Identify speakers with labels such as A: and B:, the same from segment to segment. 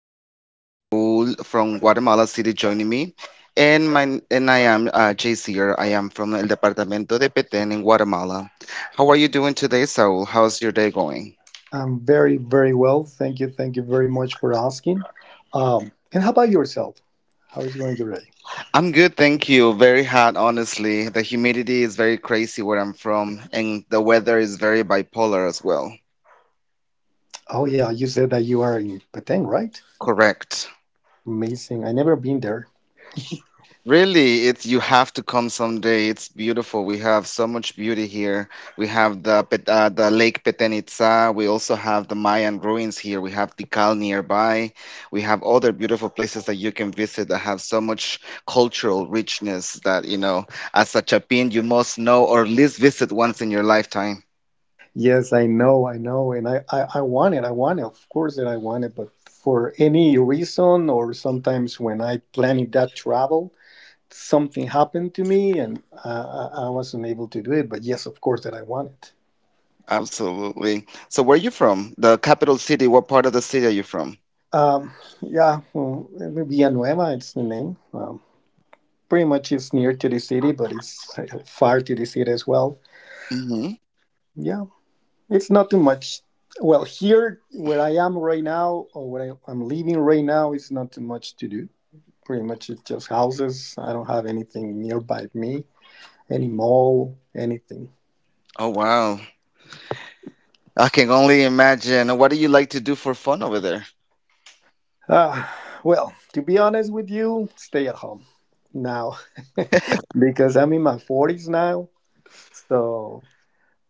A: have Saul from Guatemala City joining me, and my and I am JC. Here. I am from El Departamento de Petén in Guatemala. How are you doing today, Saul? How's your day going?
B: I'm very, very well. Thank you. Thank you very much for asking. And how about yourself? How is going today?
A: I'm good, thank you. Very hot, honestly. The humidity is very crazy where I'm from, and the weather is very bipolar as well.
B: Oh, yeah. You said that you are in Peteng, right?
A: Correct.
B: Amazing. I never been there.
A: Really, it's you have to come someday. It's beautiful. We have so much beauty here. We have the the Lake Petenitsa. We also have the Mayan ruins here. We have Tikal nearby. We have other beautiful places that you can visit that have so much cultural richness that, as a Chapin, you must know or at least visit once in your lifetime.
B: Yes, I know. I know. And I want it. I want it. Of course that I want it. But for any reason, or sometimes when I planning that travel, something happened to me and I wasn't able to do it. But yes, of course that I want it.
A: Absolutely. So where are you from? The capital city. What part of the city are you from?
B: Um, yeah, well, maybe Villanueva, it's the name. Pretty much it's near to the city, but it's far to the city as well.
A: hmm
B: Yeah, it's not too much. Well, here where I am right now, or where I'm living right now, it's not too much to do. Pretty much it's just houses. I don't have anything nearby me, any mall, anything.
A: Oh, wow. I can only imagine. What do you like to do for fun over there?
B: Ah, well, to be honest with you, stay at home now because I'm in my 40s now. So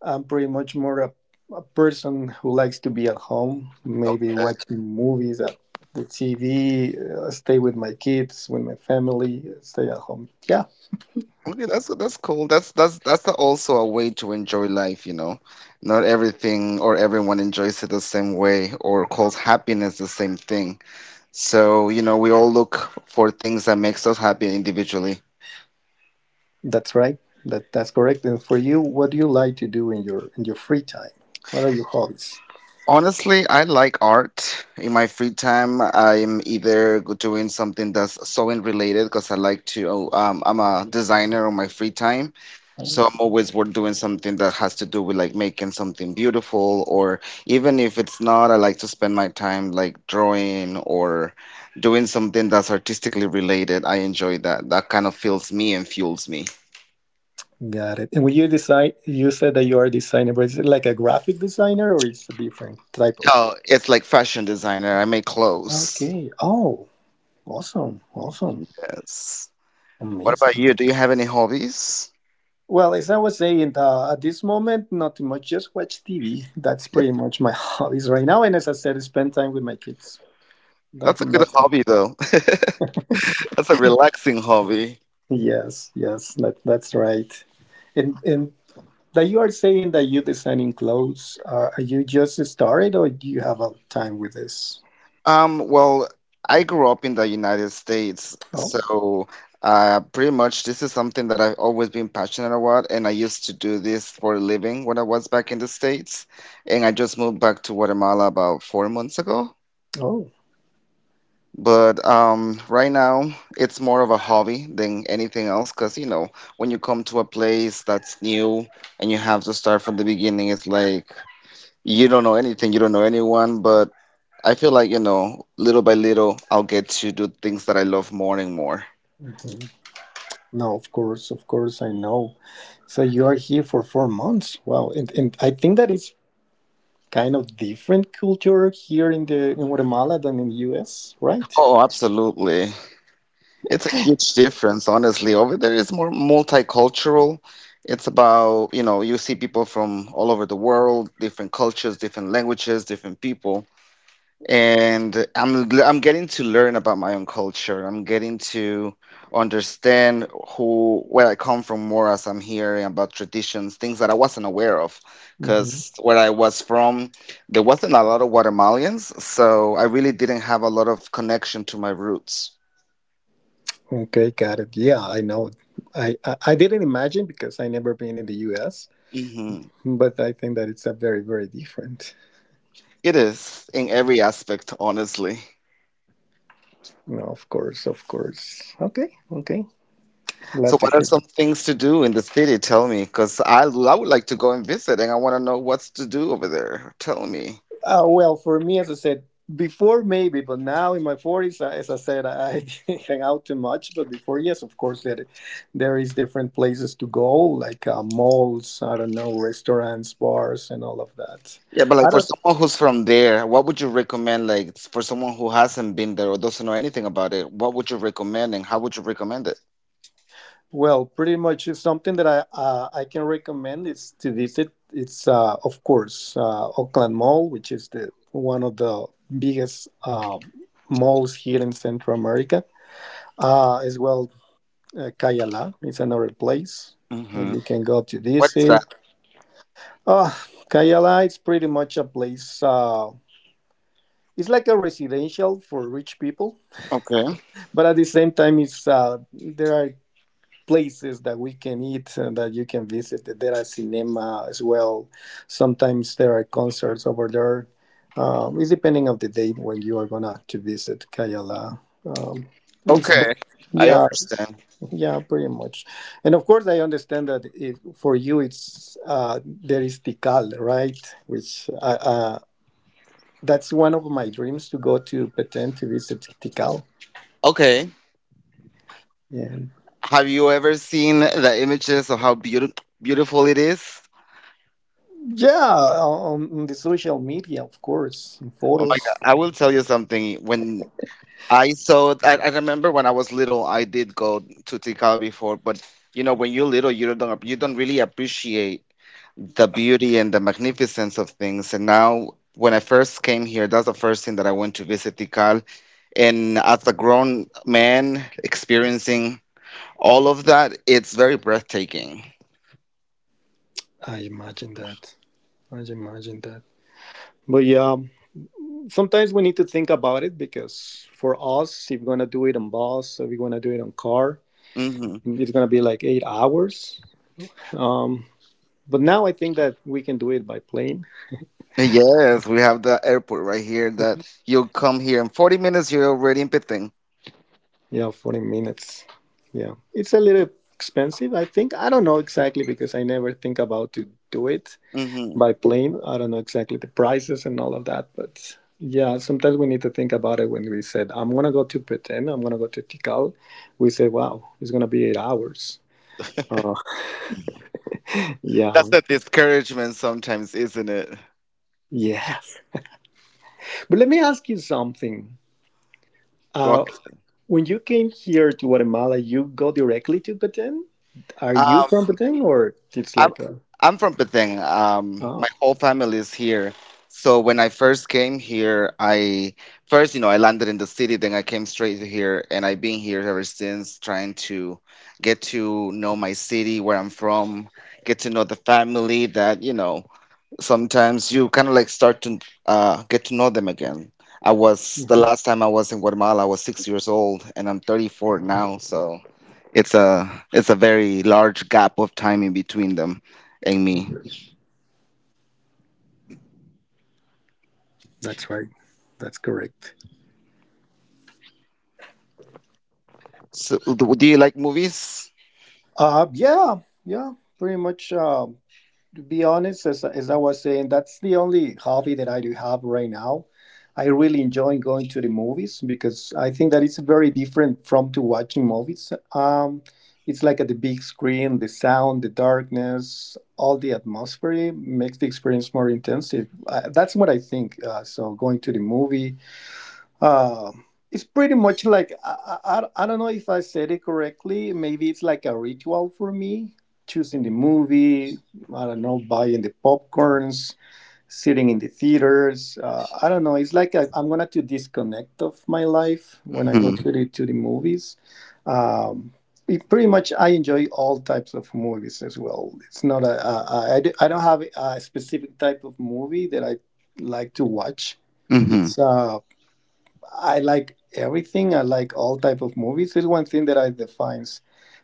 B: I'm pretty much more a person who likes to be at home,
A: Oh,
B: maybe watching movies at the TV, stay with my kids, with my family, stay at home. Yeah,
A: okay, that's cool. Also a way to enjoy life, you know. Not everything or everyone enjoys it the same way or calls happiness the same thing. So, you know, we all look for things that makes us happy individually.
B: that's right. That's correct. And for you, what do you like to do in your free time? What are your hobbies?
A: Honestly, I like art. In my free time, I'm either doing something that's sewing related because I like to, I'm a designer on my free time. So I'm always we're doing something that has to do with like making something beautiful, or even if it's not, I like to spend my time like drawing or doing something that's artistically related. I enjoy that. That kind of fills me and fuels me.
B: Got it. And when you design, you said that you are a designer, but is it like a graphic designer or it's a different type of?
A: Oh, it's like fashion designer. I make clothes.
B: Okay. Oh, awesome, awesome,
A: Yes. What about
B: amazing.
A: you? Do you have any hobbies?
B: Well, as I was saying, at this moment, not much. Just watch TV. That's pretty much my hobbies right now. And as I said, spend time with my kids. That,
A: That's a good
B: that's
A: hobby though. That's a relaxing hobby.
B: Yes, yes, that's right. And that you are saying that you designing clothes. Are you just started, or do you have a time with this?
A: Well, I grew up in the United States,
B: Oh,
A: so pretty much this is something that I've always been passionate about, and I used to do this for a living when I was back in the States, and I just moved back to Guatemala about 4 months ago.
B: oh.
A: But right now, it's more of a hobby than anything else, because you know, when you come to a place that's new and you have to start from the beginning, it's like you don't know anything, you don't know anyone, but I feel like, you know, little by little, I'll get to do things that I love more and more.
B: Hmm. No, of course, I know. So you are here for 4 months. Wow, and I think that it's kind of different culture here in Guatemala than in the US, right?
A: Oh, absolutely. It's a huge difference, honestly. Over there, it's more multicultural. It's about, you know, you see people from all over the world, different cultures, different languages, different people. And I'm getting to learn about my own culture. I'm getting to understand who where I come from more as I'm hearing about traditions, things that I wasn't aware of.
B: Hmm.
A: Because where I was from, there wasn't a lot of Guatemalans, so I really didn't have a lot of connection to my roots.
B: Okay, got it. Yeah, I know. I didn't imagine because I never been in the US,
A: Mhm.
B: but I think that it's a very very different.
A: It is in every aspect, honestly.
B: No, of course, of course. Okay, okay.
A: So,
B: Glad to
A: what are
B: hear.
A: some things to do in the city? Tell me, because I would like to go and visit, and I want to know what's to do over there. Tell me.
B: Well, for me, as I said, before maybe, but now in my 40s, as I said, I, didn't hang out too much. But before, yes, of course, there is different places to go, like malls, I don't know, restaurants, bars, and all of that.
A: Yeah, but
B: I
A: like for
B: don't.
A: someone who's from there, what would you recommend? Like for someone who hasn't been there or doesn't know anything about it, what would you recommend and how would you recommend it?
B: Well, pretty much it's something that I can recommend is to visit. It's, of course, Oakland Mall, which is the one of the biggest malls here in Central America, as well. Cayala, it's another place that
A: hmm
B: you can go to
A: What is that?
B: visit. Oh, Cayala, it's pretty much a place. It's like a residential for rich people,
A: Okay.
B: but at the same time, it's there are places that we can eat and that you can visit. There are cinema as well. Sometimes there are concerts over there. It's depending of the date when you are gonna to visit Cayala. Um, it's
A: Okay. I
B: Yeah.
A: understand.
B: Yeah, pretty much. And of course, I understand that if for you it's there is Tikal, right? Which That's one of my dreams to go to Petén to visit Tikal.
A: Okay.
B: Yeah,
A: Have you ever seen the images of how beautiful it is?
B: yeah, on the social media, of course, in
A: Oh my
B: photos.
A: God. I will tell you something. When I saw it, I remember when I was little, I did go to Tikal before, but you know, when you're little, you don't really appreciate the beauty and the magnificence of things. And now, when I first came here, that's the first thing that I went to visit Tikal. And as a grown man experiencing all of that, it's very breathtaking.
B: I imagine that. I imagine that. But yeah, sometimes we need to think about it because for us, if we're gonna do it on bus, if we're gonna do it on car,
A: hmm
B: it's gonna be like 8 hours. Um, But now I think that we can do it by plane.
A: Yes, we have the airport right here that you'll come here in 40 minutes, you're already in Pithing.
B: Yeah, 40 minutes. Yeah. It's a little expensive, I think. I don't know exactly because I never think about to do it
A: hmm
B: by plane. I don't know exactly the prices and all of that, but yeah, sometimes we need to think about it when we said, I'm going to go to Pretend, I'm going to go to Tikal. We said, wow, it's going to be 8 hours. Uh, yeah.
A: That's the discouragement sometimes, isn't it?
B: Yes. But let me ask you something.
A: Go
B: Uh,
A: ahead.
B: When you came here to Guatemala, you go directly to Baden? Are you
A: Ah,
B: from Baden or it's
A: I'm
B: like a.
A: I'm from Penang. My
B: Oh.
A: whole family is here. So when I first came here, I first, you know, I landed in the city, then I came straight to here, and I've been here ever since, trying to get to know my city, where I'm from, get to know the family that, you know, sometimes you kind of like start to get to know them again. I was the
B: Mhm,
A: last time I was in Guatemala, I was 6 years old, and I'm 34 now, so it's a very large gap of time in between them and me.
B: okay. That's right. That's correct.
A: So, do you like movies?
B: Yeah, yeah, pretty much. To be honest, as I was saying, that's the only hobby that I do have right now. I really enjoy going to the movies because I think that it's very different from to watching movies. It's like at the big screen, the sound, the darkness, all the atmosphere makes the experience more intensive. That's what I think. So going to the movie, um, it's pretty much like I don't know if I said it correctly. Maybe it's like a ritual for me. Choosing the movie, I don't know, buying the popcorns, sitting in the theaters. I don't know. It's like I'm gonna to disconnect of my life when I go
A: Mm-hmm.
B: to the movies. Um, it pretty much, I enjoy all types of movies as well. It's not a, a I don't have a specific type of movie that I like to watch.
A: Mm-hmm.
B: It's I like everything. I like all type of movies. It's one thing that I defines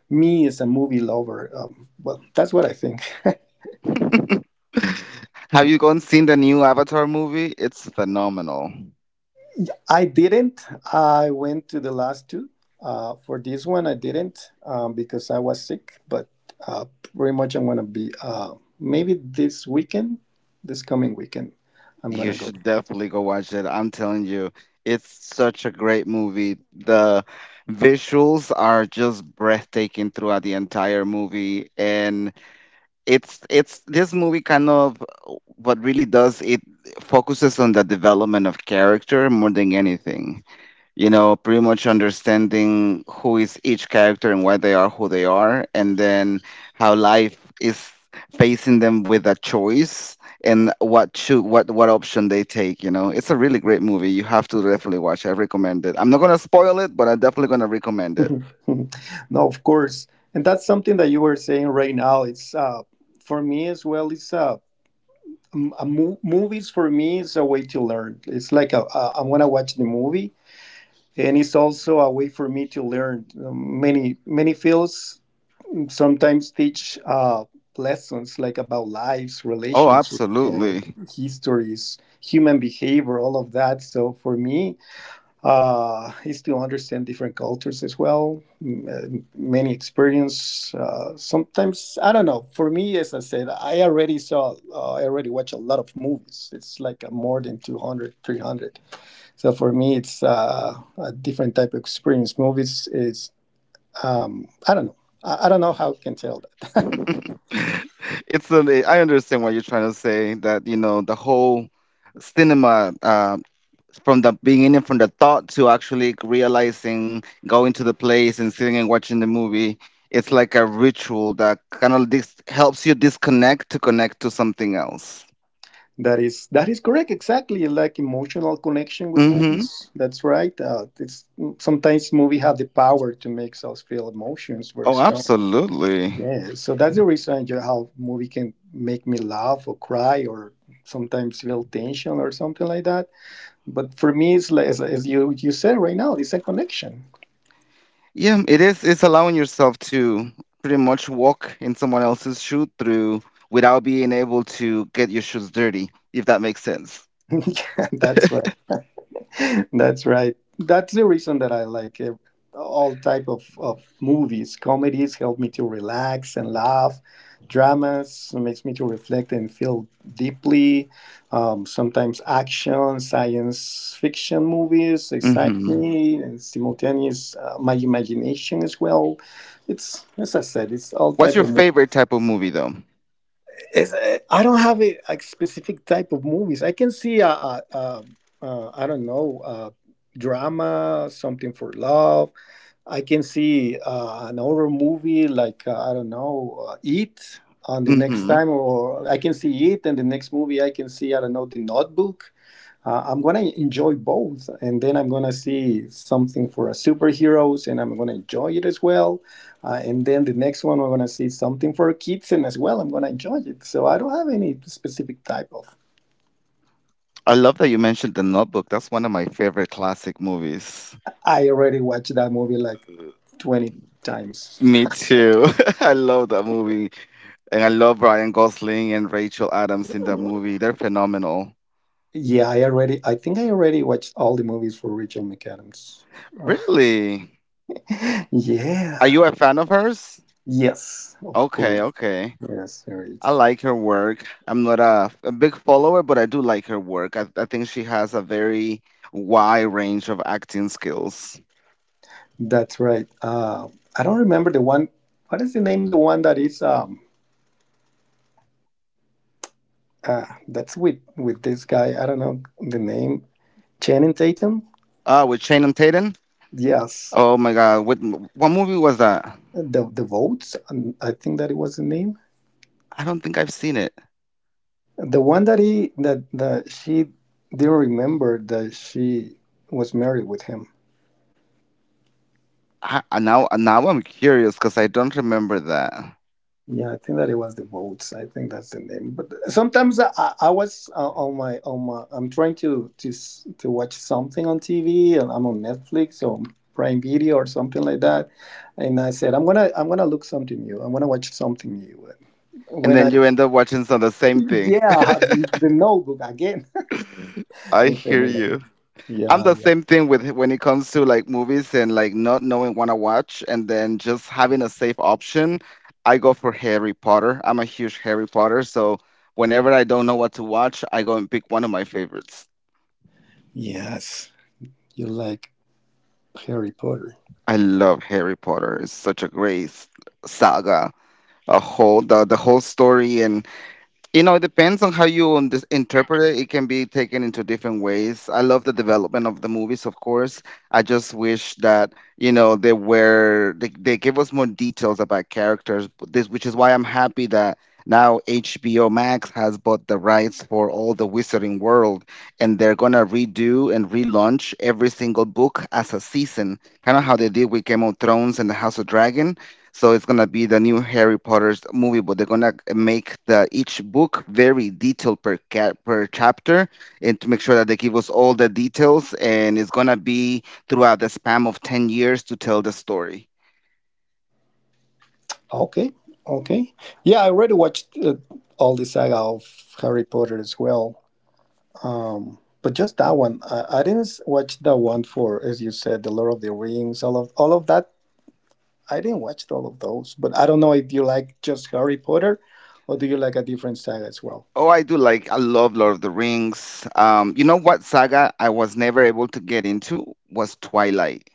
B: me as a movie lover. Well, that's what I think.
A: Have you gone seen the new Avatar movie? It's phenomenal.
B: I didn't. I went to the last two. For this one, I didn't because I was sick. But uh, pretty much, I'm gonna be maybe this weekend, this coming weekend, I'm
A: You
B: gonna go.
A: should definitely go watch it. I'm telling you, it's such a great movie. The visuals are just breathtaking throughout the entire movie, and it's this movie kind of what really does it focuses on the development of character more than anything, you know, pretty much understanding who is each character and why they are who they are, and then how life is facing them with a choice and what should what option they take. You know, it's a really great movie. You have to definitely watch. I recommend it. I'm not gonna spoil it, but I'm definitely gonna recommend it.
B: No, of course, and that's something that you were saying right now. It's For me as well. It's m- a mo- Movies for me is a way to learn. It's like I want to watch the movie, and it's also a way for me to learn. Many many fields. Sometimes teach lessons like about lives,
A: Oh,
B: relationships, or
A: absolutely.
B: histories, human behavior, all of that. So for me, is to understand different cultures as well, many experience. Sometimes I don't know. For me, as I said, I already watch a lot of movies. It's like more than 200, 300. So for me, it's a different type of experience. Movies is I don't know. I don't know how I can tell that.
A: I understand what you're trying to say, that you know the whole cinema from the beginning, from the thought to actually realizing, going to the place and sitting and watching the movie. It's like a ritual that kind of helps you disconnect to connect to something else.
B: That is correct. Exactly, like emotional connection with
A: Mm-hmm.
B: movies. That's right. It's Sometimes movie have the power to make us feel emotions very
A: Oh,
B: strongly.
A: absolutely.
B: Yeah, so that's the reason how movie can make me laugh or cry or sometimes feel tension or something like that. But for me, it's like, as you said right now, it's a connection.
A: Yeah, it is. It's allowing yourself to pretty much walk in someone else's shoe through without being able to get your shoes dirty, if that makes sense.
B: Yeah. That's right. That's right. That's the reason that I like all type of movies. Comedies help me to relax and laugh. Dramas makes me to reflect and feel deeply. Sometimes action, science fiction movies excite
A: Mm-hmm.
B: me and simultaneous my imagination as well. It's as I said, it's all
A: What's
B: type
A: your
B: of
A: favorite type of movie, though?
B: I don't have a, like specific type of movies. I can see I don't know, drama, something for love. I can see an horror movie like I don't know, It on the next
A: Mm-hmm.
B: time, or I can see It, and the next movie I can see I don't know, The Notebook. I'm gonna enjoy both, and then I'm gonna see something for a superheroes, and I'm gonna enjoy it as well. And then the next one, I'm gonna see something for kids, and as well, I'm gonna enjoy it. So I don't have any specific type of.
A: I love that you mentioned The Notebook. That's one of my favorite classic movies.
B: I already watched that movie like 20 times.
A: Me too. I love that movie. And I love Ryan Gosling and Rachel Adams in that movie. They're phenomenal.
B: Yeah, I already. I think I already watched all the movies for Rachel McAdams. Uh,
A: Really? Are
B: yeah.
A: you a fan of hers?
B: Yes, of
A: Okay,
B: course.
A: okay.
B: Yes, there is.
A: I like her work. I'm not a big follower, but I do like her work. I think she has a very wide range of acting skills.
B: That's right. I don't remember the one. What is the name? The one that is that's with this guy. I don't know the name. Channing Tatum.
A: With Channing Tatum?
B: Yes,
A: Oh my God. What movie was that?
B: the votes. I think that it was the name.
A: I don't think I've seen it.
B: The one that she didn't remember that she was married with him.
A: I now Now I'm curious because I don't remember that.
B: Yeah, I think that it was the votes. I think that's the name. But sometimes I was on my I'm trying to watch something on TV and I'm on Netflix or Prime Video or something like that, and I said I'm gonna look something new. I'm gonna watch something new. And
A: And
B: when
A: then
B: I,
A: you end up watching some the same thing.
B: yeah, the Notebook again.
A: I
B: It's
A: hear you.
B: familiar.
A: I'm
B: Yeah,
A: the
B: yeah.
A: same thing with when it comes to like movies and like not knowing what to watch and then just having a safe option. I go for Harry Potter. I'm a huge Harry Potter, so whenever I don't know what to watch, I go and pick one of my favorites.
B: Yes, you like Harry Potter.
A: I love Harry Potter. It's such a great saga, a whole the whole story and. You know, it depends on how you interpret it. It can be taken into different ways. I love the development of the movies, of course. I just wish that, you know, they gave us more details about characters, but this which is why I'm happy that now HBO Max has bought the rights for all the Wizarding World, and they're gonna redo and relaunch every single book as a season, kind of how they did with Game of Thrones and the House of Dragon. So it's gonna be the new Harry Potter's movie, but they're gonna make the each book very detailed per per chapter, and to make sure that they give us all the details, and it's gonna be throughout the span of 10 years to tell the story.
B: Okay, okay. Yeah, I already watched all the saga of Harry Potter as well. But just that one, I didn't watch that one for, as you said, the Lord of the Rings, all of that. I didn't watch all of those, but I don't know if you like just Harry Potter, or do you like a different saga as well?
A: Oh, I do like, I love Lord of the Rings. You know what saga I was never able to get into was Twilight.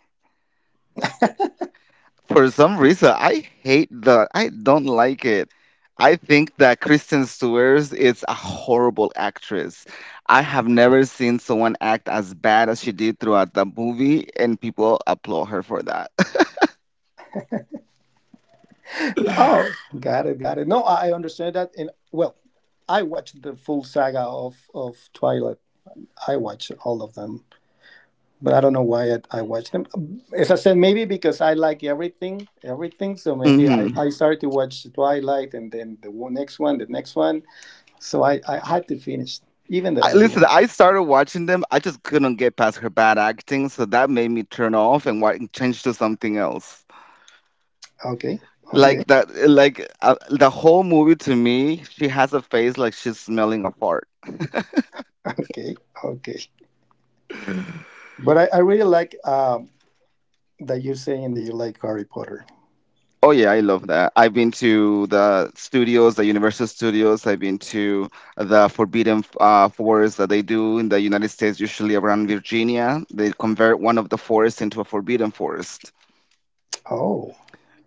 A: For some reason, I hate the. I don't like it. I think that Kristen Stewart is a horrible actress. I have never seen someone act as bad as she did throughout the movie, and people applaud her for that.
B: Oh, got it, got it. No, I understand that. And well, I watched the full saga of Twilight. I watched all of them, but I don't know why I watched them. As I said, maybe because I like everything, everything. So maybe I,
A: hmm
B: I started to watch Twilight, and then the next one, the next one. So I had to finish, even that
A: I,
B: I didn't
A: listen,
B: like.
A: I started watching them. I just couldn't get past her bad acting, so that made me turn off and change to something else.
B: Okay, okay,
A: Like that, like The whole movie to me, she has a face like she's smelling a fart.
B: okay, okay. But I really like that you're saying that you like Harry Potter.
A: Oh yeah, I love that. I've been to the studios, the Universal Studios. I've been to the Forbidden Forest that they do in the United States, usually around Virginia. They convert one of the forests into a forbidden forest.
B: Oh,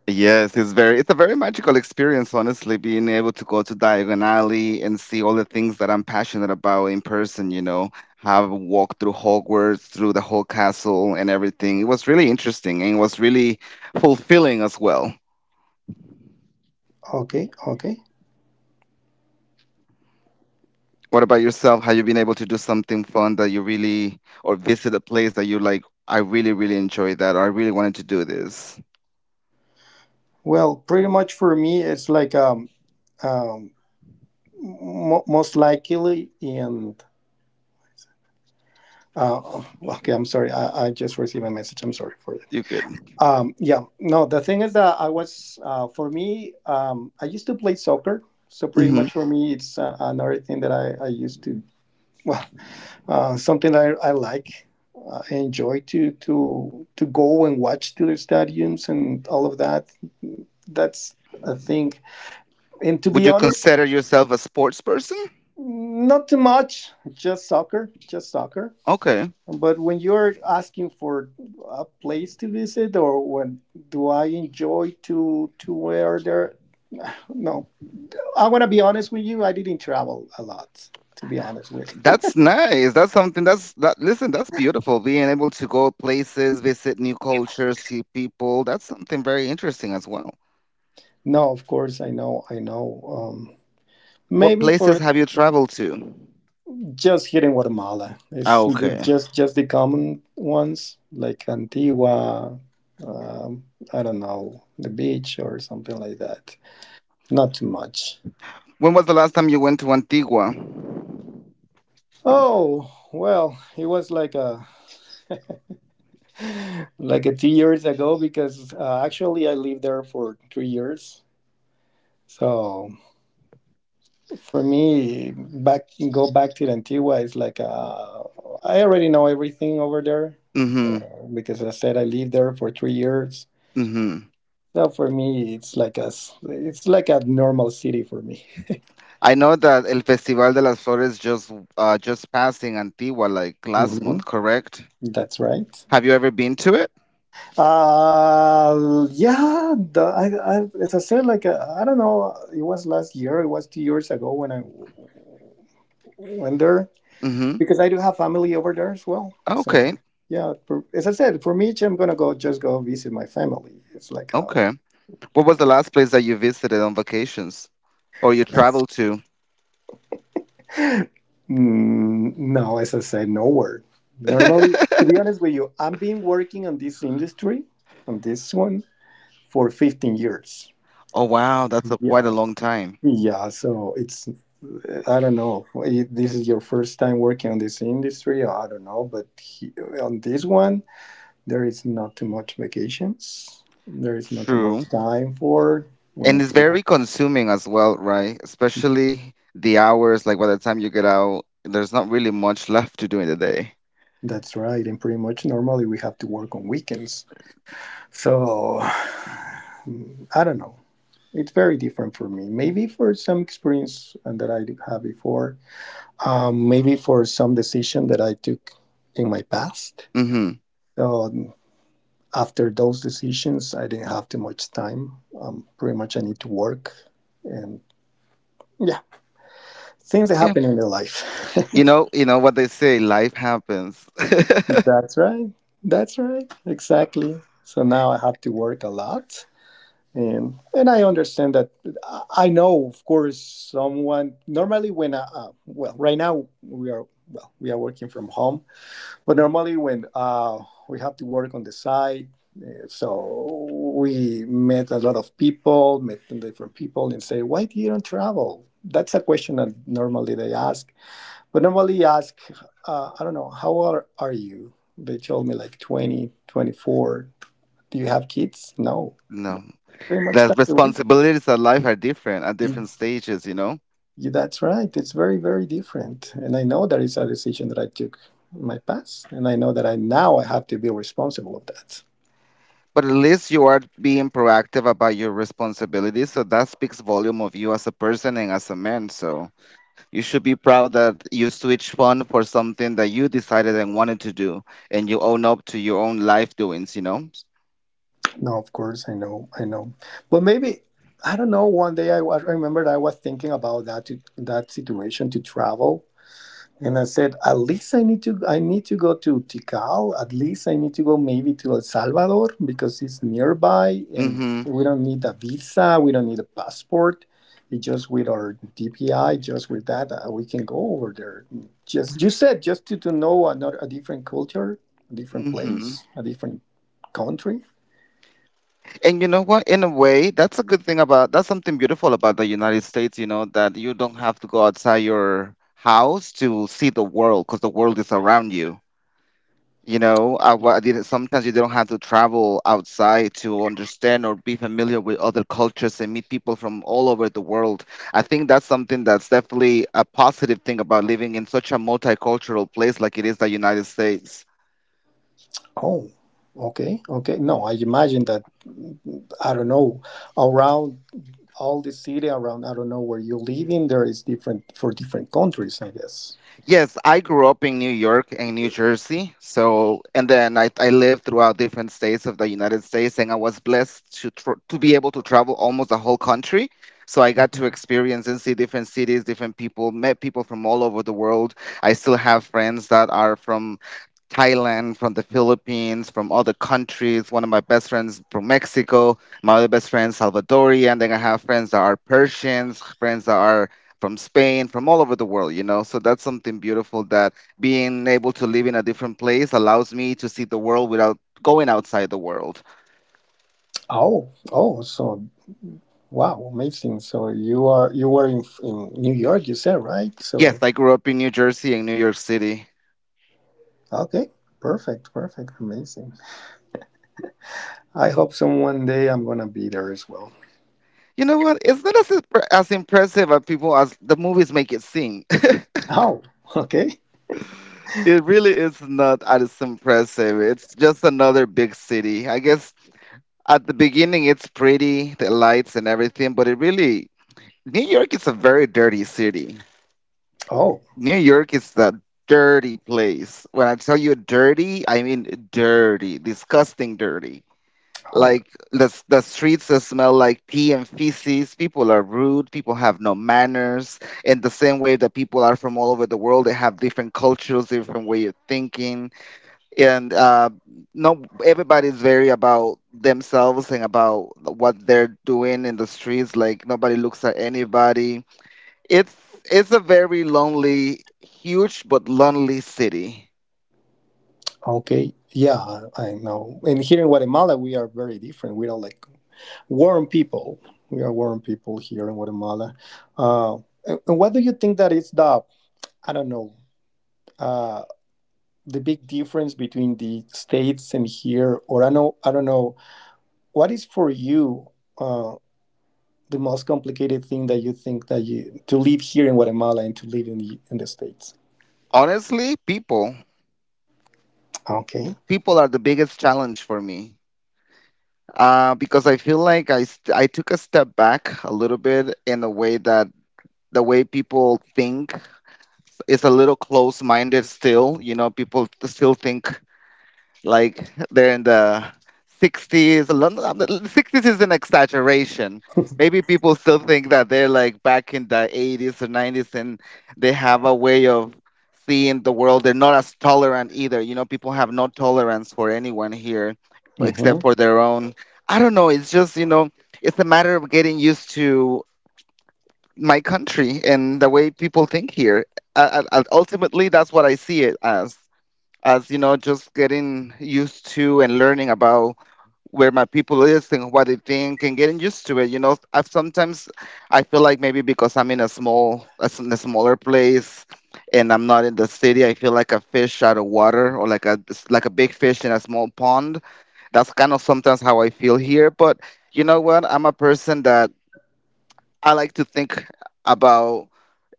A: Yes, it's a very magical experience, honestly, being able to go to Diagon Alley and see all the things that I'm passionate about in person, have walked through Hogwarts, through the whole castle and everything. It was really interesting and it was really fulfilling as well.
B: okay, okay.
A: What about yourself? Have you been able to do something fun that you really, or visit a place that you like? I really, really enjoyed that, or I really wanted to do this.
B: Well, pretty much for me, it's like um, most likely in. Okay, I'm sorry. I just received a message. I'm sorry for that.
A: You could.
B: Yeah, no, the thing is that I was, for me, I used to play soccer. So pretty
A: Hmm.
B: much for me, it's another thing that I used to. Well. Something I like, enjoy to go and watch to the stadiums and all of that. That's a thing. And to
A: Would
B: be
A: you
B: honest,
A: consider yourself a sports person?
B: not too much. Just soccer, just soccer.
A: Okay,
B: But when you're asking for a place to visit, or when do I enjoy to where there? No, I want to be honest with you. I didn't travel a lot, to be honest with.
A: that's nice. That's something that's that. Listen, that's beautiful. Being able to go places, visit new cultures, see people. That's something very interesting as well.
B: No, of course I know, I know.
A: What
B: Maybe for
A: places have you traveled to?
B: just here in Guatemala,
A: Ah,
B: it's
A: okay.
B: just the common ones like Antigua, um, I don't know, the beach or something like that. Not too much.
A: When was the last time you went to Antigua?
B: Oh well, it was like a like a 2 years ago because actually I lived there for 3 years. So for me, back, go back to Antigua is like I already know everything over there.
A: Mm-hmm.
B: So because I said I lived there for 3 years,
A: Mm-hmm.
B: so for me, it's like a it's like a normal city for me.
A: I know that El Festival de las Flores just passing Antigua like last
B: Hmm.
A: month, correct?
B: That's right.
A: Have you ever been to it?
B: Yeah. The, as I said, like I don't know. It was last year. It was 2 years ago when I went there,
A: Mm-hmm.
B: because I do have family over there as well.
A: Okay.
B: So yeah, for, as I said, for me, I'm gonna go just go visit my family. It's like a
A: Okay. What was the last place that you visited on vacations or you traveled to?
B: no, as I said, nowhere. Normally, to be honest with you, I've been working on this industry, on this one for 15 years.
A: Oh wow, that's a, quite a
B: Yeah.
A: long time.
B: Yeah. So it's, I don't know if this is your first time working on this industry. I don't know. But he, on this one, there is not too much vacations. There is not too much
A: True.
B: time for, we
A: And
B: need
A: it's
B: to work.
A: very consuming as well, right? Especially the hours, like by the time you get out, there's not really much left to do in the day.
B: That's right. And pretty much normally we have to work on weekends. So I don't know. It's very different for me. Maybe for some experience that I do have before. Maybe for some decision that I took in my past.
A: Mm-hmm.
B: So after those decisions, I didn't have too much time. Pretty much I need to work, and yeah, things that
A: Yeah.
B: happen in your life.
A: You know, what they say, life happens.
B: That's right. That's right. Exactly. So now I have to work a lot. And I understand that I know, of course, someone normally when I, well, right now we are, well, we are working from home. But normally, when we have to work on the site, so we met a lot of people, met different people, and say, "Why do you don't travel?" That's a question that normally they ask. But normally, ask, "I don't know, how old are you?" They told me like 20, 24. Do you have kids? No.
A: No,
B: Very much
A: the
B: that's the
A: responsibilities of life are different at
B: reason.
A: different stages, you know.
B: Yeah, that's right. It's very, very different. And I know that it's a decision that I took in my past, and I know that I now I have to be responsible of that.
A: But at least you are being proactive about your responsibilities, so that speaks volume of you as a person and as a man. So you should be proud that you switched fun for something that you decided and wanted to do, and you own up to your own life doings, you know.
B: No, of course, I know, I know. But maybe I don't know. One day I was, I remembered I was thinking about that, to, that situation to travel, and I said at least I need to, I need to go to Tikal. At least I need to go maybe to El Salvador because it's nearby, and
A: Mm-hmm.
B: we don't need a visa, we don't need a passport. It's just with our DPI, just with that, we can go over there. Just, you said just to know another, a different culture, a different
A: Mm-hmm.
B: place, a different country.
A: And you know what? In a way, that's a good thing about, that's something beautiful about the United States, you know, that you don't have to go outside your house to see the world because the world is around you. You know, I didn't, sometimes you don't have to travel outside to understand or be familiar with other cultures and meet people from all over the world. I think that's something that's definitely a positive thing about living in such a multicultural place like it is the United States.
B: Oh, okay, okay. No, I imagine that I don't know around all the city around, I don't know where you live in. There is different for different countries, I guess.
A: Yes, I grew up in New York and New Jersey. So, and then I lived throughout different states of the United States, and I was blessed to tr to be able to travel almost the whole country. So I got to
B: Mhm.
A: experience and see different cities, different people, met people from all over the world. I still have friends that are from Thailand, from the Philippines, from other countries. One of my best friends from Mexico, my other best friend Salvadorian. Then I have friends that are Persians, friends that are from Spain, from all over the world, you know. So that's something beautiful that being able to live in a different place allows me to see the world without going outside the world.
B: Oh, oh, so wow, amazing. So you are, you were in New York, you said, right?
A: Yes,
B: So
A: I grew up in New Jersey and New York City.
B: okay, perfect, perfect, amazing. I hope some one day I'm gonna be there as well.
A: You know what? It's not as, as impressive as people, as the movies make it seem.
B: Oh, okay.
A: It really is not as impressive. It's just another big city. I guess at the beginning it's pretty, the lights and everything, but it really, New York is a very dirty city.
B: Oh,
A: New York is a dirty place. When I tell you dirty, I mean dirty, disgusting dirty.
B: oh,
A: Like the streets that smell like pee and feces. People are rude. People have no manners. In the same way that people are from all over the world, they have different cultures, different way of thinking, and no, everybody's very about themselves and about what they're doing in the streets, like nobody looks at anybody. it's it's a very lonely, huge but lonely city.
B: okay. Yeah, I know. And here in Guatemala, we are very different. We don't like warm people. We are warm people here in Guatemala. Uh, and what do you think that is the, I don't know, uh, the big difference between the states and here? Or I know, I don't know, what is for you uh, the most complicated thing that you think that you, to live here in Guatemala and to live in the states?
A: Honestly, people,
B: Okay.
A: people are the biggest challenge for me, because I feel like I took a step back a little bit, in a way that the way people think is a little close-minded still. You know, people still think like they're in the 60s. I mean, 60s is an exaggeration. Maybe people still think that they're like back in the 80s or 90s, and they have a way of seeing the world. They're not as tolerant either. You know, people have no tolerance for anyone here
B: Hmm.
A: except for their own. I don't know. It's just, you know, it's a matter of getting used to my country and the way people think here. Ultimately, that's what I see it as, you know, just getting used to and learning about where my people is and what they think and getting used to it. You know, I've sometimes, I feel like maybe because I'm in a small a s- in a smaller place and I'm not in the city, I feel like a fish out of water, or like a, like a big fish in a small pond. That's kind of sometimes how I feel here. But you know what, I'm a person that, I like to think about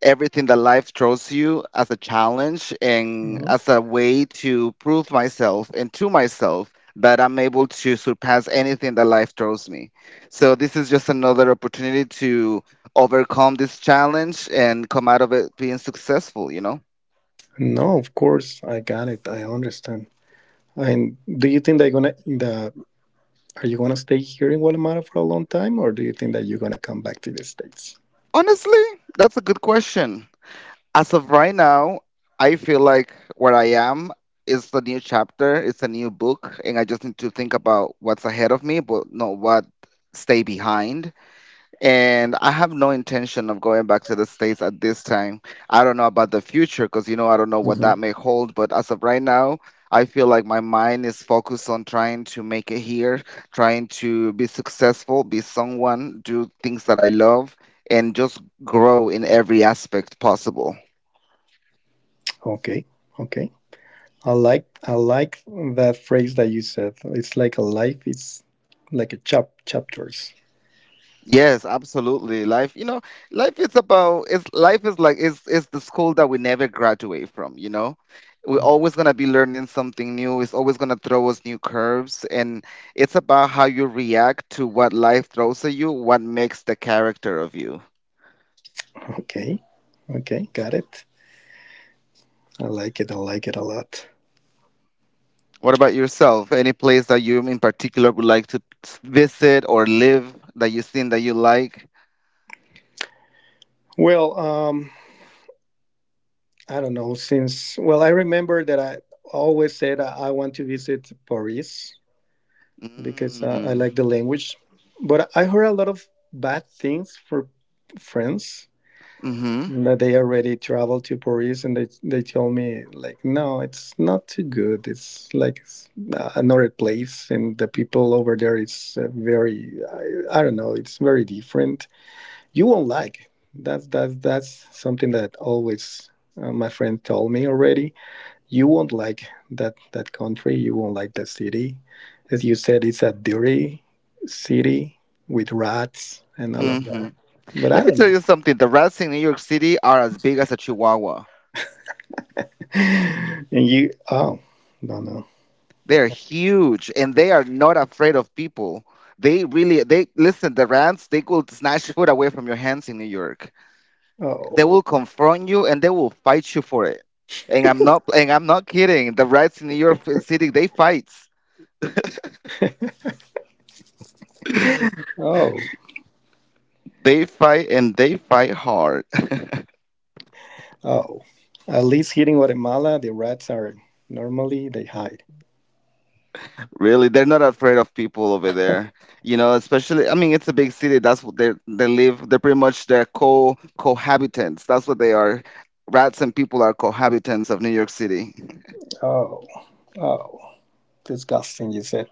A: everything that life throws you as a challenge and as a way to prove myself, and to myself that I'm able to surpass anything that life throws me. So this is just another opportunity to overcome this challenge and come out of it being successful, you know?
B: No, of course, I got it. I understand. And do you think they're gonna, the, are you gonna stay here in Guatemala for a long time, or do you think that you're gonna come back to the States?
A: Honestly, that's a good question. As of right now, I feel like where I am is a new chapter, it's a new book, and I just need to think about what's ahead of me, but not what stay behind. And I have no intention of going back to the States at this time. I don't know about the future because, you know, I don't know what
B: Hmm.
A: that may hold, but as of right now, I feel like my mind is focused on trying to make it here, trying to be successful, be someone, do things that I love, and just grow in every aspect possible.
B: Okay, okay. I like, I like that phrase that you said. It's like a life. It's like a chap, chapters.
C: Yes, absolutely. Life, you know, life is about it's life is like it's the school that we never graduate from. We're
B: Mm-hmm.
C: always gonna be learning something new. It's always gonna throw us new curves, and it's about how you react to what life throws at you, what makes the character of you.
B: Okay, okay, got it. I like it. I like it a lot.
C: What about yourself? Any place that you in particular would like to visit or live that you've seen that you like?
B: Well, I don't know. Since well, I remember that I always said I want to visit Paris because I
C: Mm.
B: like the language. But I heard a lot of bad things for France,
C: Mm-hmm.
B: but they already traveled to Paris and they told me like no, it's not too good, it's like another place, and the people over there is very, I don't know, it's very different. You won't like it. That's something that always, my friend told me already, you won't like that country, you won't like that city, as you said, it's a dirty city with rats and all of
C: Mm-hmm.
B: that, but I
C: Let me
B: don't
C: tell
B: know.
C: you something. The rats in New York City are as big as a chihuahua.
B: And you, oh, no, no.
C: They're huge and they are not afraid of people. They listen, the rats, they will snatch food away from your hands in New York. They
B: Oh,
C: will confront you and they will fight you for it. And I'm not kidding. The rats in New York City, they fight.
B: oh,
C: They fight and they fight hard.
B: oh. At least here in Guatemala, the rats are, normally they hide.
C: Really, they're not afraid of people over there. You know, especially I mean it's a big city. That's what they live. They're pretty much their co cohabitants. That's what they are. Rats and people are cohabitants of New York City.
B: Oh, oh, disgusting, you said.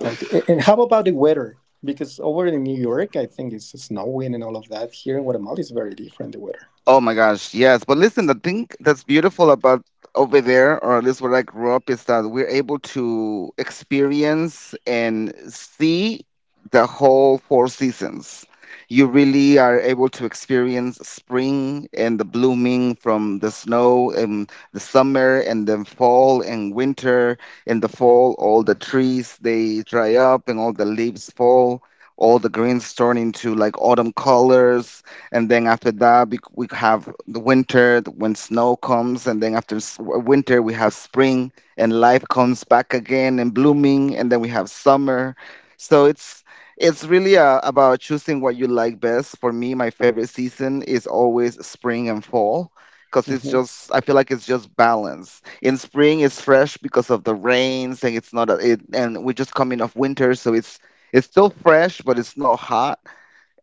B: Okay. And how about the weather? Because over in New York, I think it's snowing and all of that. Here in Guatemala, it's very different, the weather.
C: Oh my gosh, yes. But listen, the thing that's beautiful about over there, or at least where I grew up, is that we're able to experience and see the whole four seasons. You really are able to experience spring and the blooming from the snow and the summer and then fall and winter. In the fall, all the trees they dry up and all the leaves fall. All the greens turn into like autumn colors, and then after that we have the winter when snow comes, and then after winter we have spring and life comes back again and blooming, and then we have summer. So it's really about choosing what you like best. For me, my favorite season is always spring and fall, because it's
B: Hmm.
C: just, I feel like it's just balance in spring. It's fresh because of the rains, and it's not and we're just coming off winter, so it's still fresh but it's not hot.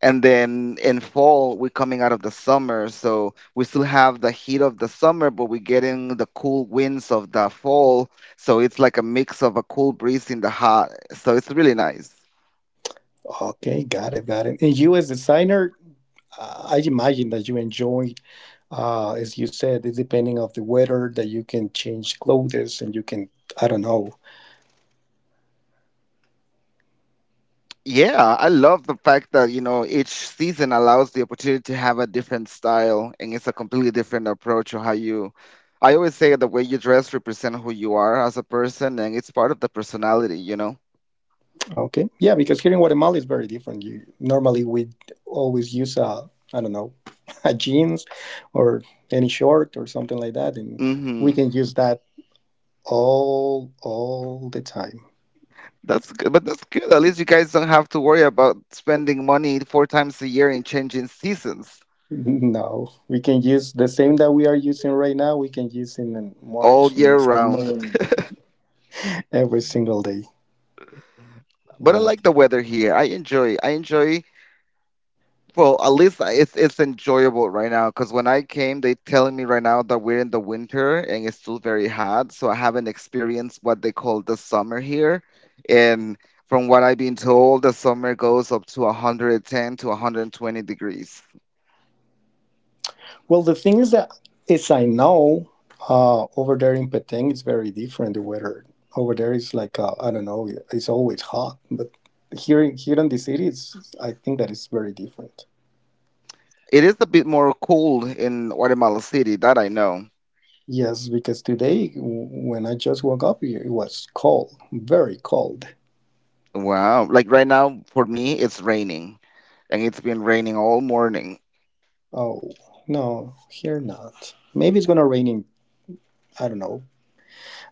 C: And then in fall we're coming out of the summer, so we still have the heat of the summer but we're getting the cool winds of the fall, so it's like a mix of a cool breeze in the hot, so it's really nice.
B: Okay, got it, got it. And you, as designer, I imagine that you enjoy, as you said, it's depending of the weather that you can change clothes, and you can, I don't know.
C: Yeah, I love the fact that each season allows the opportunity to have a different style. And it's a completely different approach of how you I always say the way you dress represent who you are as a person. And it's part of the personality.
B: Okay. Yeah, because here in Guatemala is very different. You, normally we always use a, I don't know, a jeans or any short or something like that, and we
C: Mm-hmm.
B: can use that all the time.
C: That's good, but that's good. At least you guys don't have to worry about spending money four times a year in changing seasons
B: No, we can use the same that we are using right now. We can use in
C: all
B: March
C: year
B: and summer
C: round.
B: and every single day.
C: But I
B: Yeah.
C: like the weather here. I enjoy. I enjoy. Well, at least it's enjoyable right now. Because when I came, they telling me right now that we're in the winter and it's still very hot. So I haven't experienced what they call the summer here. And from what I've been told, the summer goes up to 110 to 120 degrees.
B: Well, the thing is that, as I know, over there in Peteng it's very different. The weather over there is like I don't know, it's always hot. But here, here in the city, it's, I think that it's very different.
C: It is a bit more cold in Guatemala City, that I know.
B: Yes, because today when I just woke up, it was cold, very cold.
C: Wow. Like right now, for me, it's raining, and it's been raining all morning.
B: Oh no, here not. Maybe it's gonna rain in, I don't know,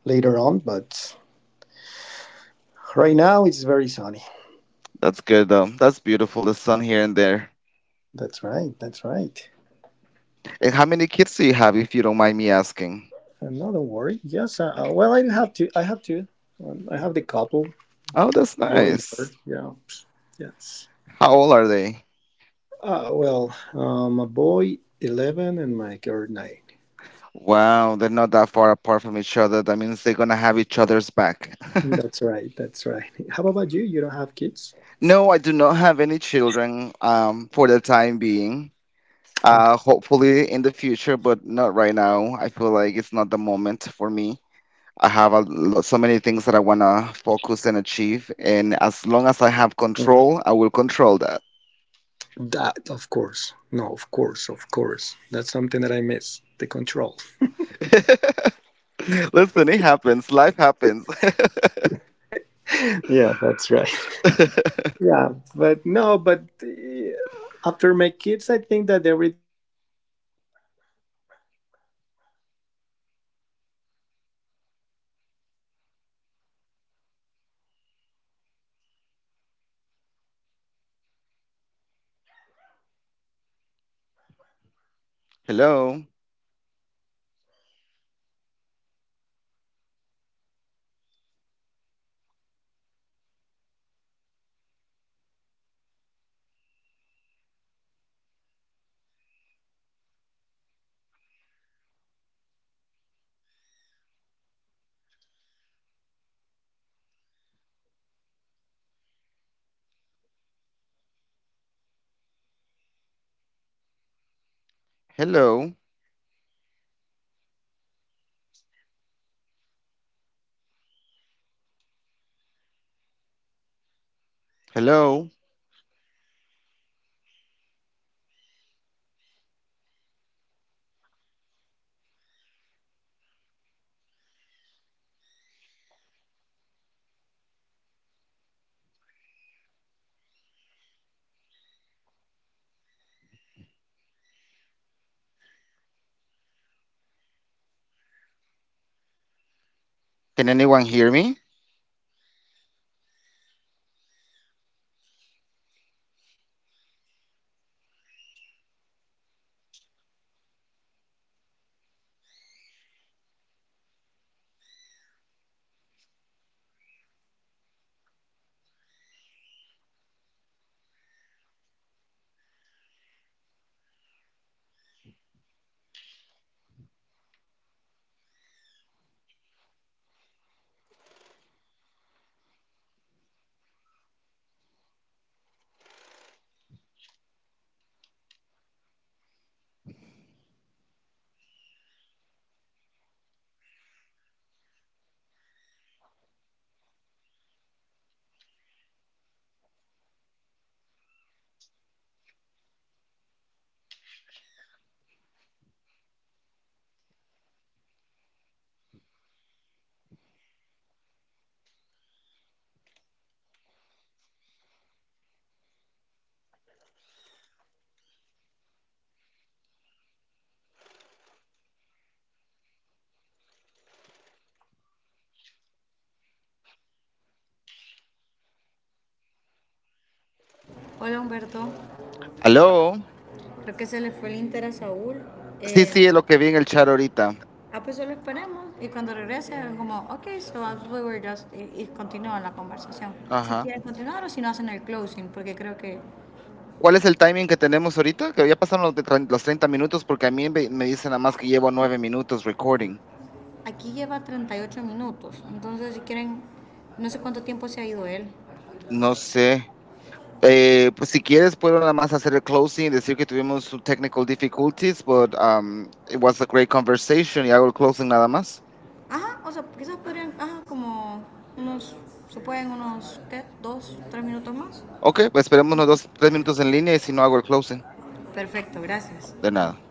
B: later on, but right now it's very sunny.
C: That's good, though. That's beautiful. The sun here and there.
B: That's right. That's right.
C: And how many kids do you have, if you don't mind me asking?
B: No, don't worry. Yes, well, I have to, I have to. I have the couple,
C: Oh, that's
B: boy and girl.
C: nice.
B: Yeah, yes.
C: How old are they?
B: Well, my boy 11 and my girl 9.
C: Wow, they're not that far apart from each other. That means they're gonna have each other's back.
B: That's right. That's right. How about you? You don't have kids?
C: No, I do not have any children, for the time being.
B: Okay.
C: Hopefully in the future, but not right now. I feel like it's not the moment for me. I have a lot, so many things that I want to focus and achieve. And as long as I have
B: Mm.
C: control, I will control that.
B: That, of course. No, of course, of course. That's something that I miss, the control.
C: Listen, it happens. Life happens.
B: Yeah, that's right. Yeah, but no, but after my kids, I think that everything was amazing.
C: Hello.
B: Pues ya tienen hambre. ¿Y qué comemos? Ligamente, todos ellos, Dios, vístense. Christensen.
C: Hello. Hello. Can anyone hear me?
D: Hola, Humberto,
C: Hello.
D: creo que se le fue el Inter a Saúl.
C: Sí,
D: Eh,
C: sí, es lo que vi en el chat ahorita.
D: pues solo esperemos y cuando regrese, como, ok, so we were just, y continúan la conversación. Si
C: Ajá.
D: quieren continuar o si no hacen el closing, porque creo que
C: ¿Cuál es el timing que tenemos ahorita? Que ya pasaron los, los treinta minutos porque a mí me dice nada más que llevo nueve minutos recording.
D: aquí lleva 38 minutos, entonces si quieren, no sé cuánto tiempo se ha ido él.
C: No sé. Pues si quieres puedo nada más hacer el closing, decir que tuvimos some technical difficulties, but it was a great conversation y hago el closing nada más.
D: Ajá, o sea, quizás podrían, ajá, como unos, se pueden unos, ¿qué? Dos, tres minutos más.
C: Ok, pues esperemos unos dos, tres minutos en línea y si no hago el closing,
D: Perfecto, gracias.
C: de nada.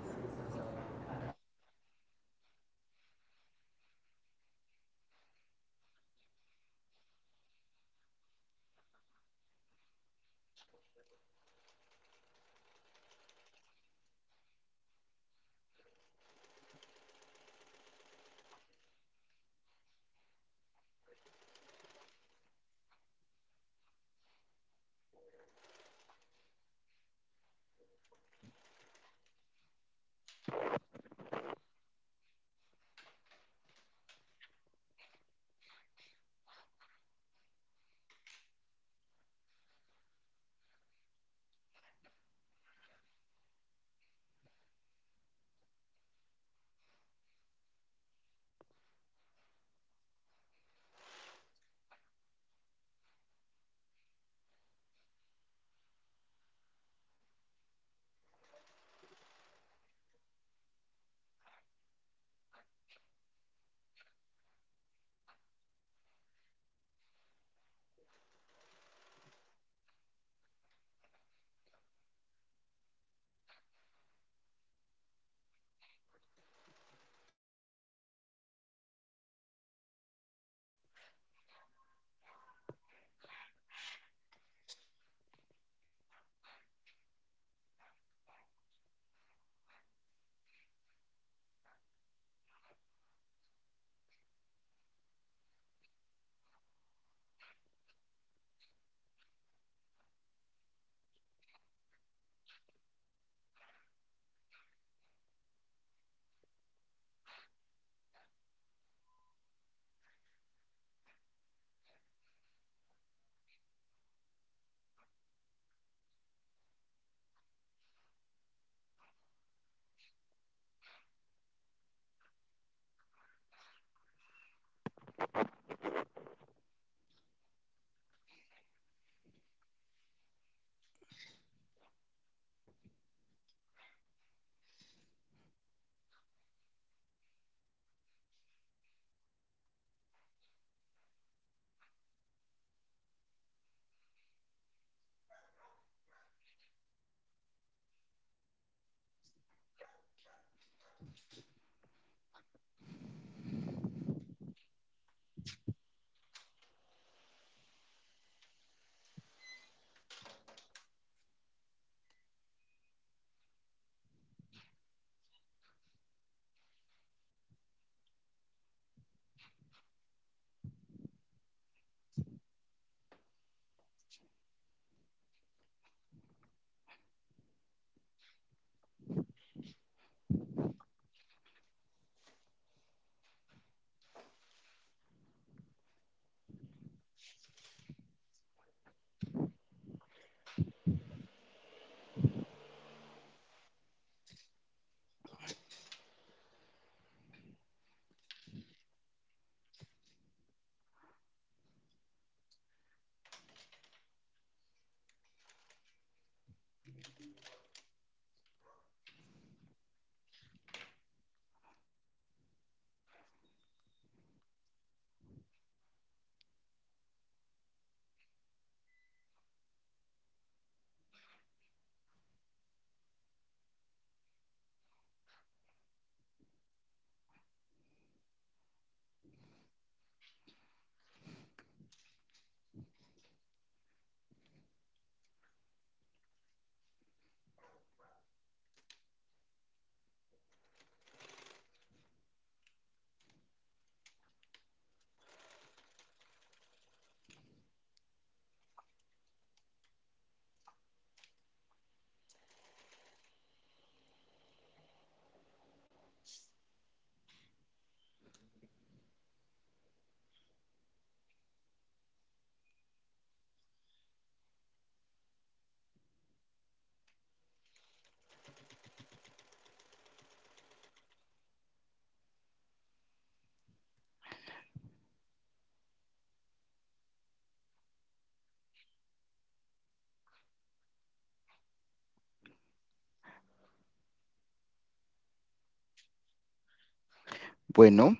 C: Bueno,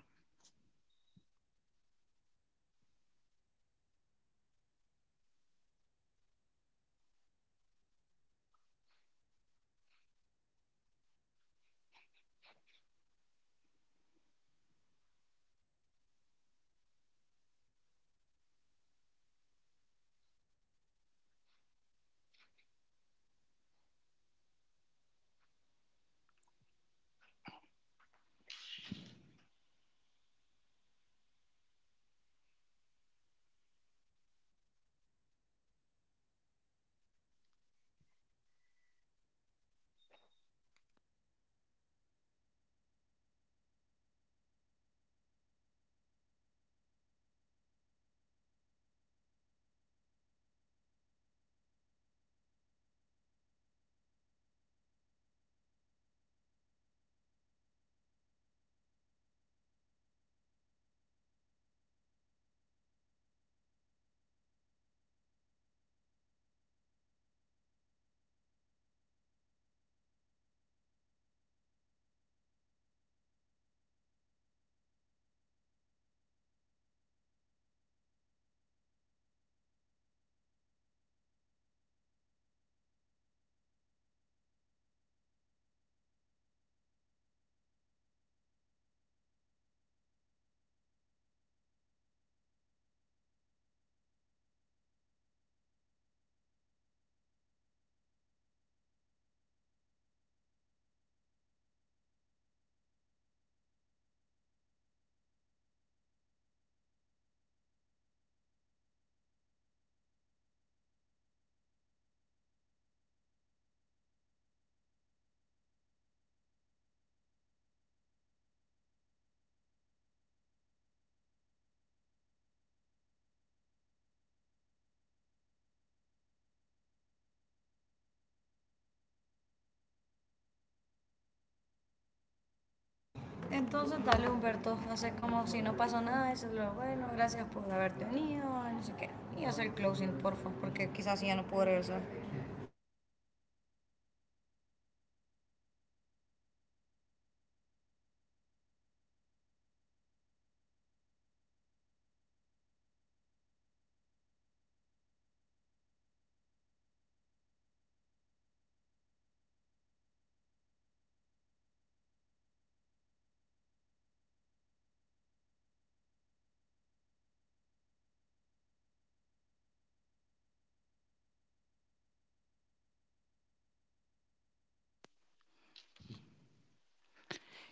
D: Entonces, dale, Humberto, hacer como si no pasó nada, eso es lo bueno, gracias por haberte venido, no sé qué. Y hacer closing, porfa, porque quizás ya no puedo regresar.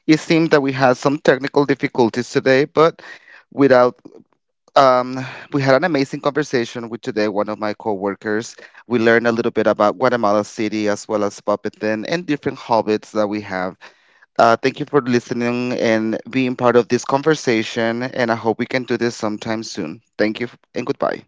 C: it seemed that we had some technical difficulties today, but without um, we had an amazing conversation with today one of my coworkers. We learned a little bit about Guatemala City as well as Puppet Den and different hobbits that we have. Thank you for listening and being part of this conversation. And I hope we can do this sometime soon. Thank you and goodbye.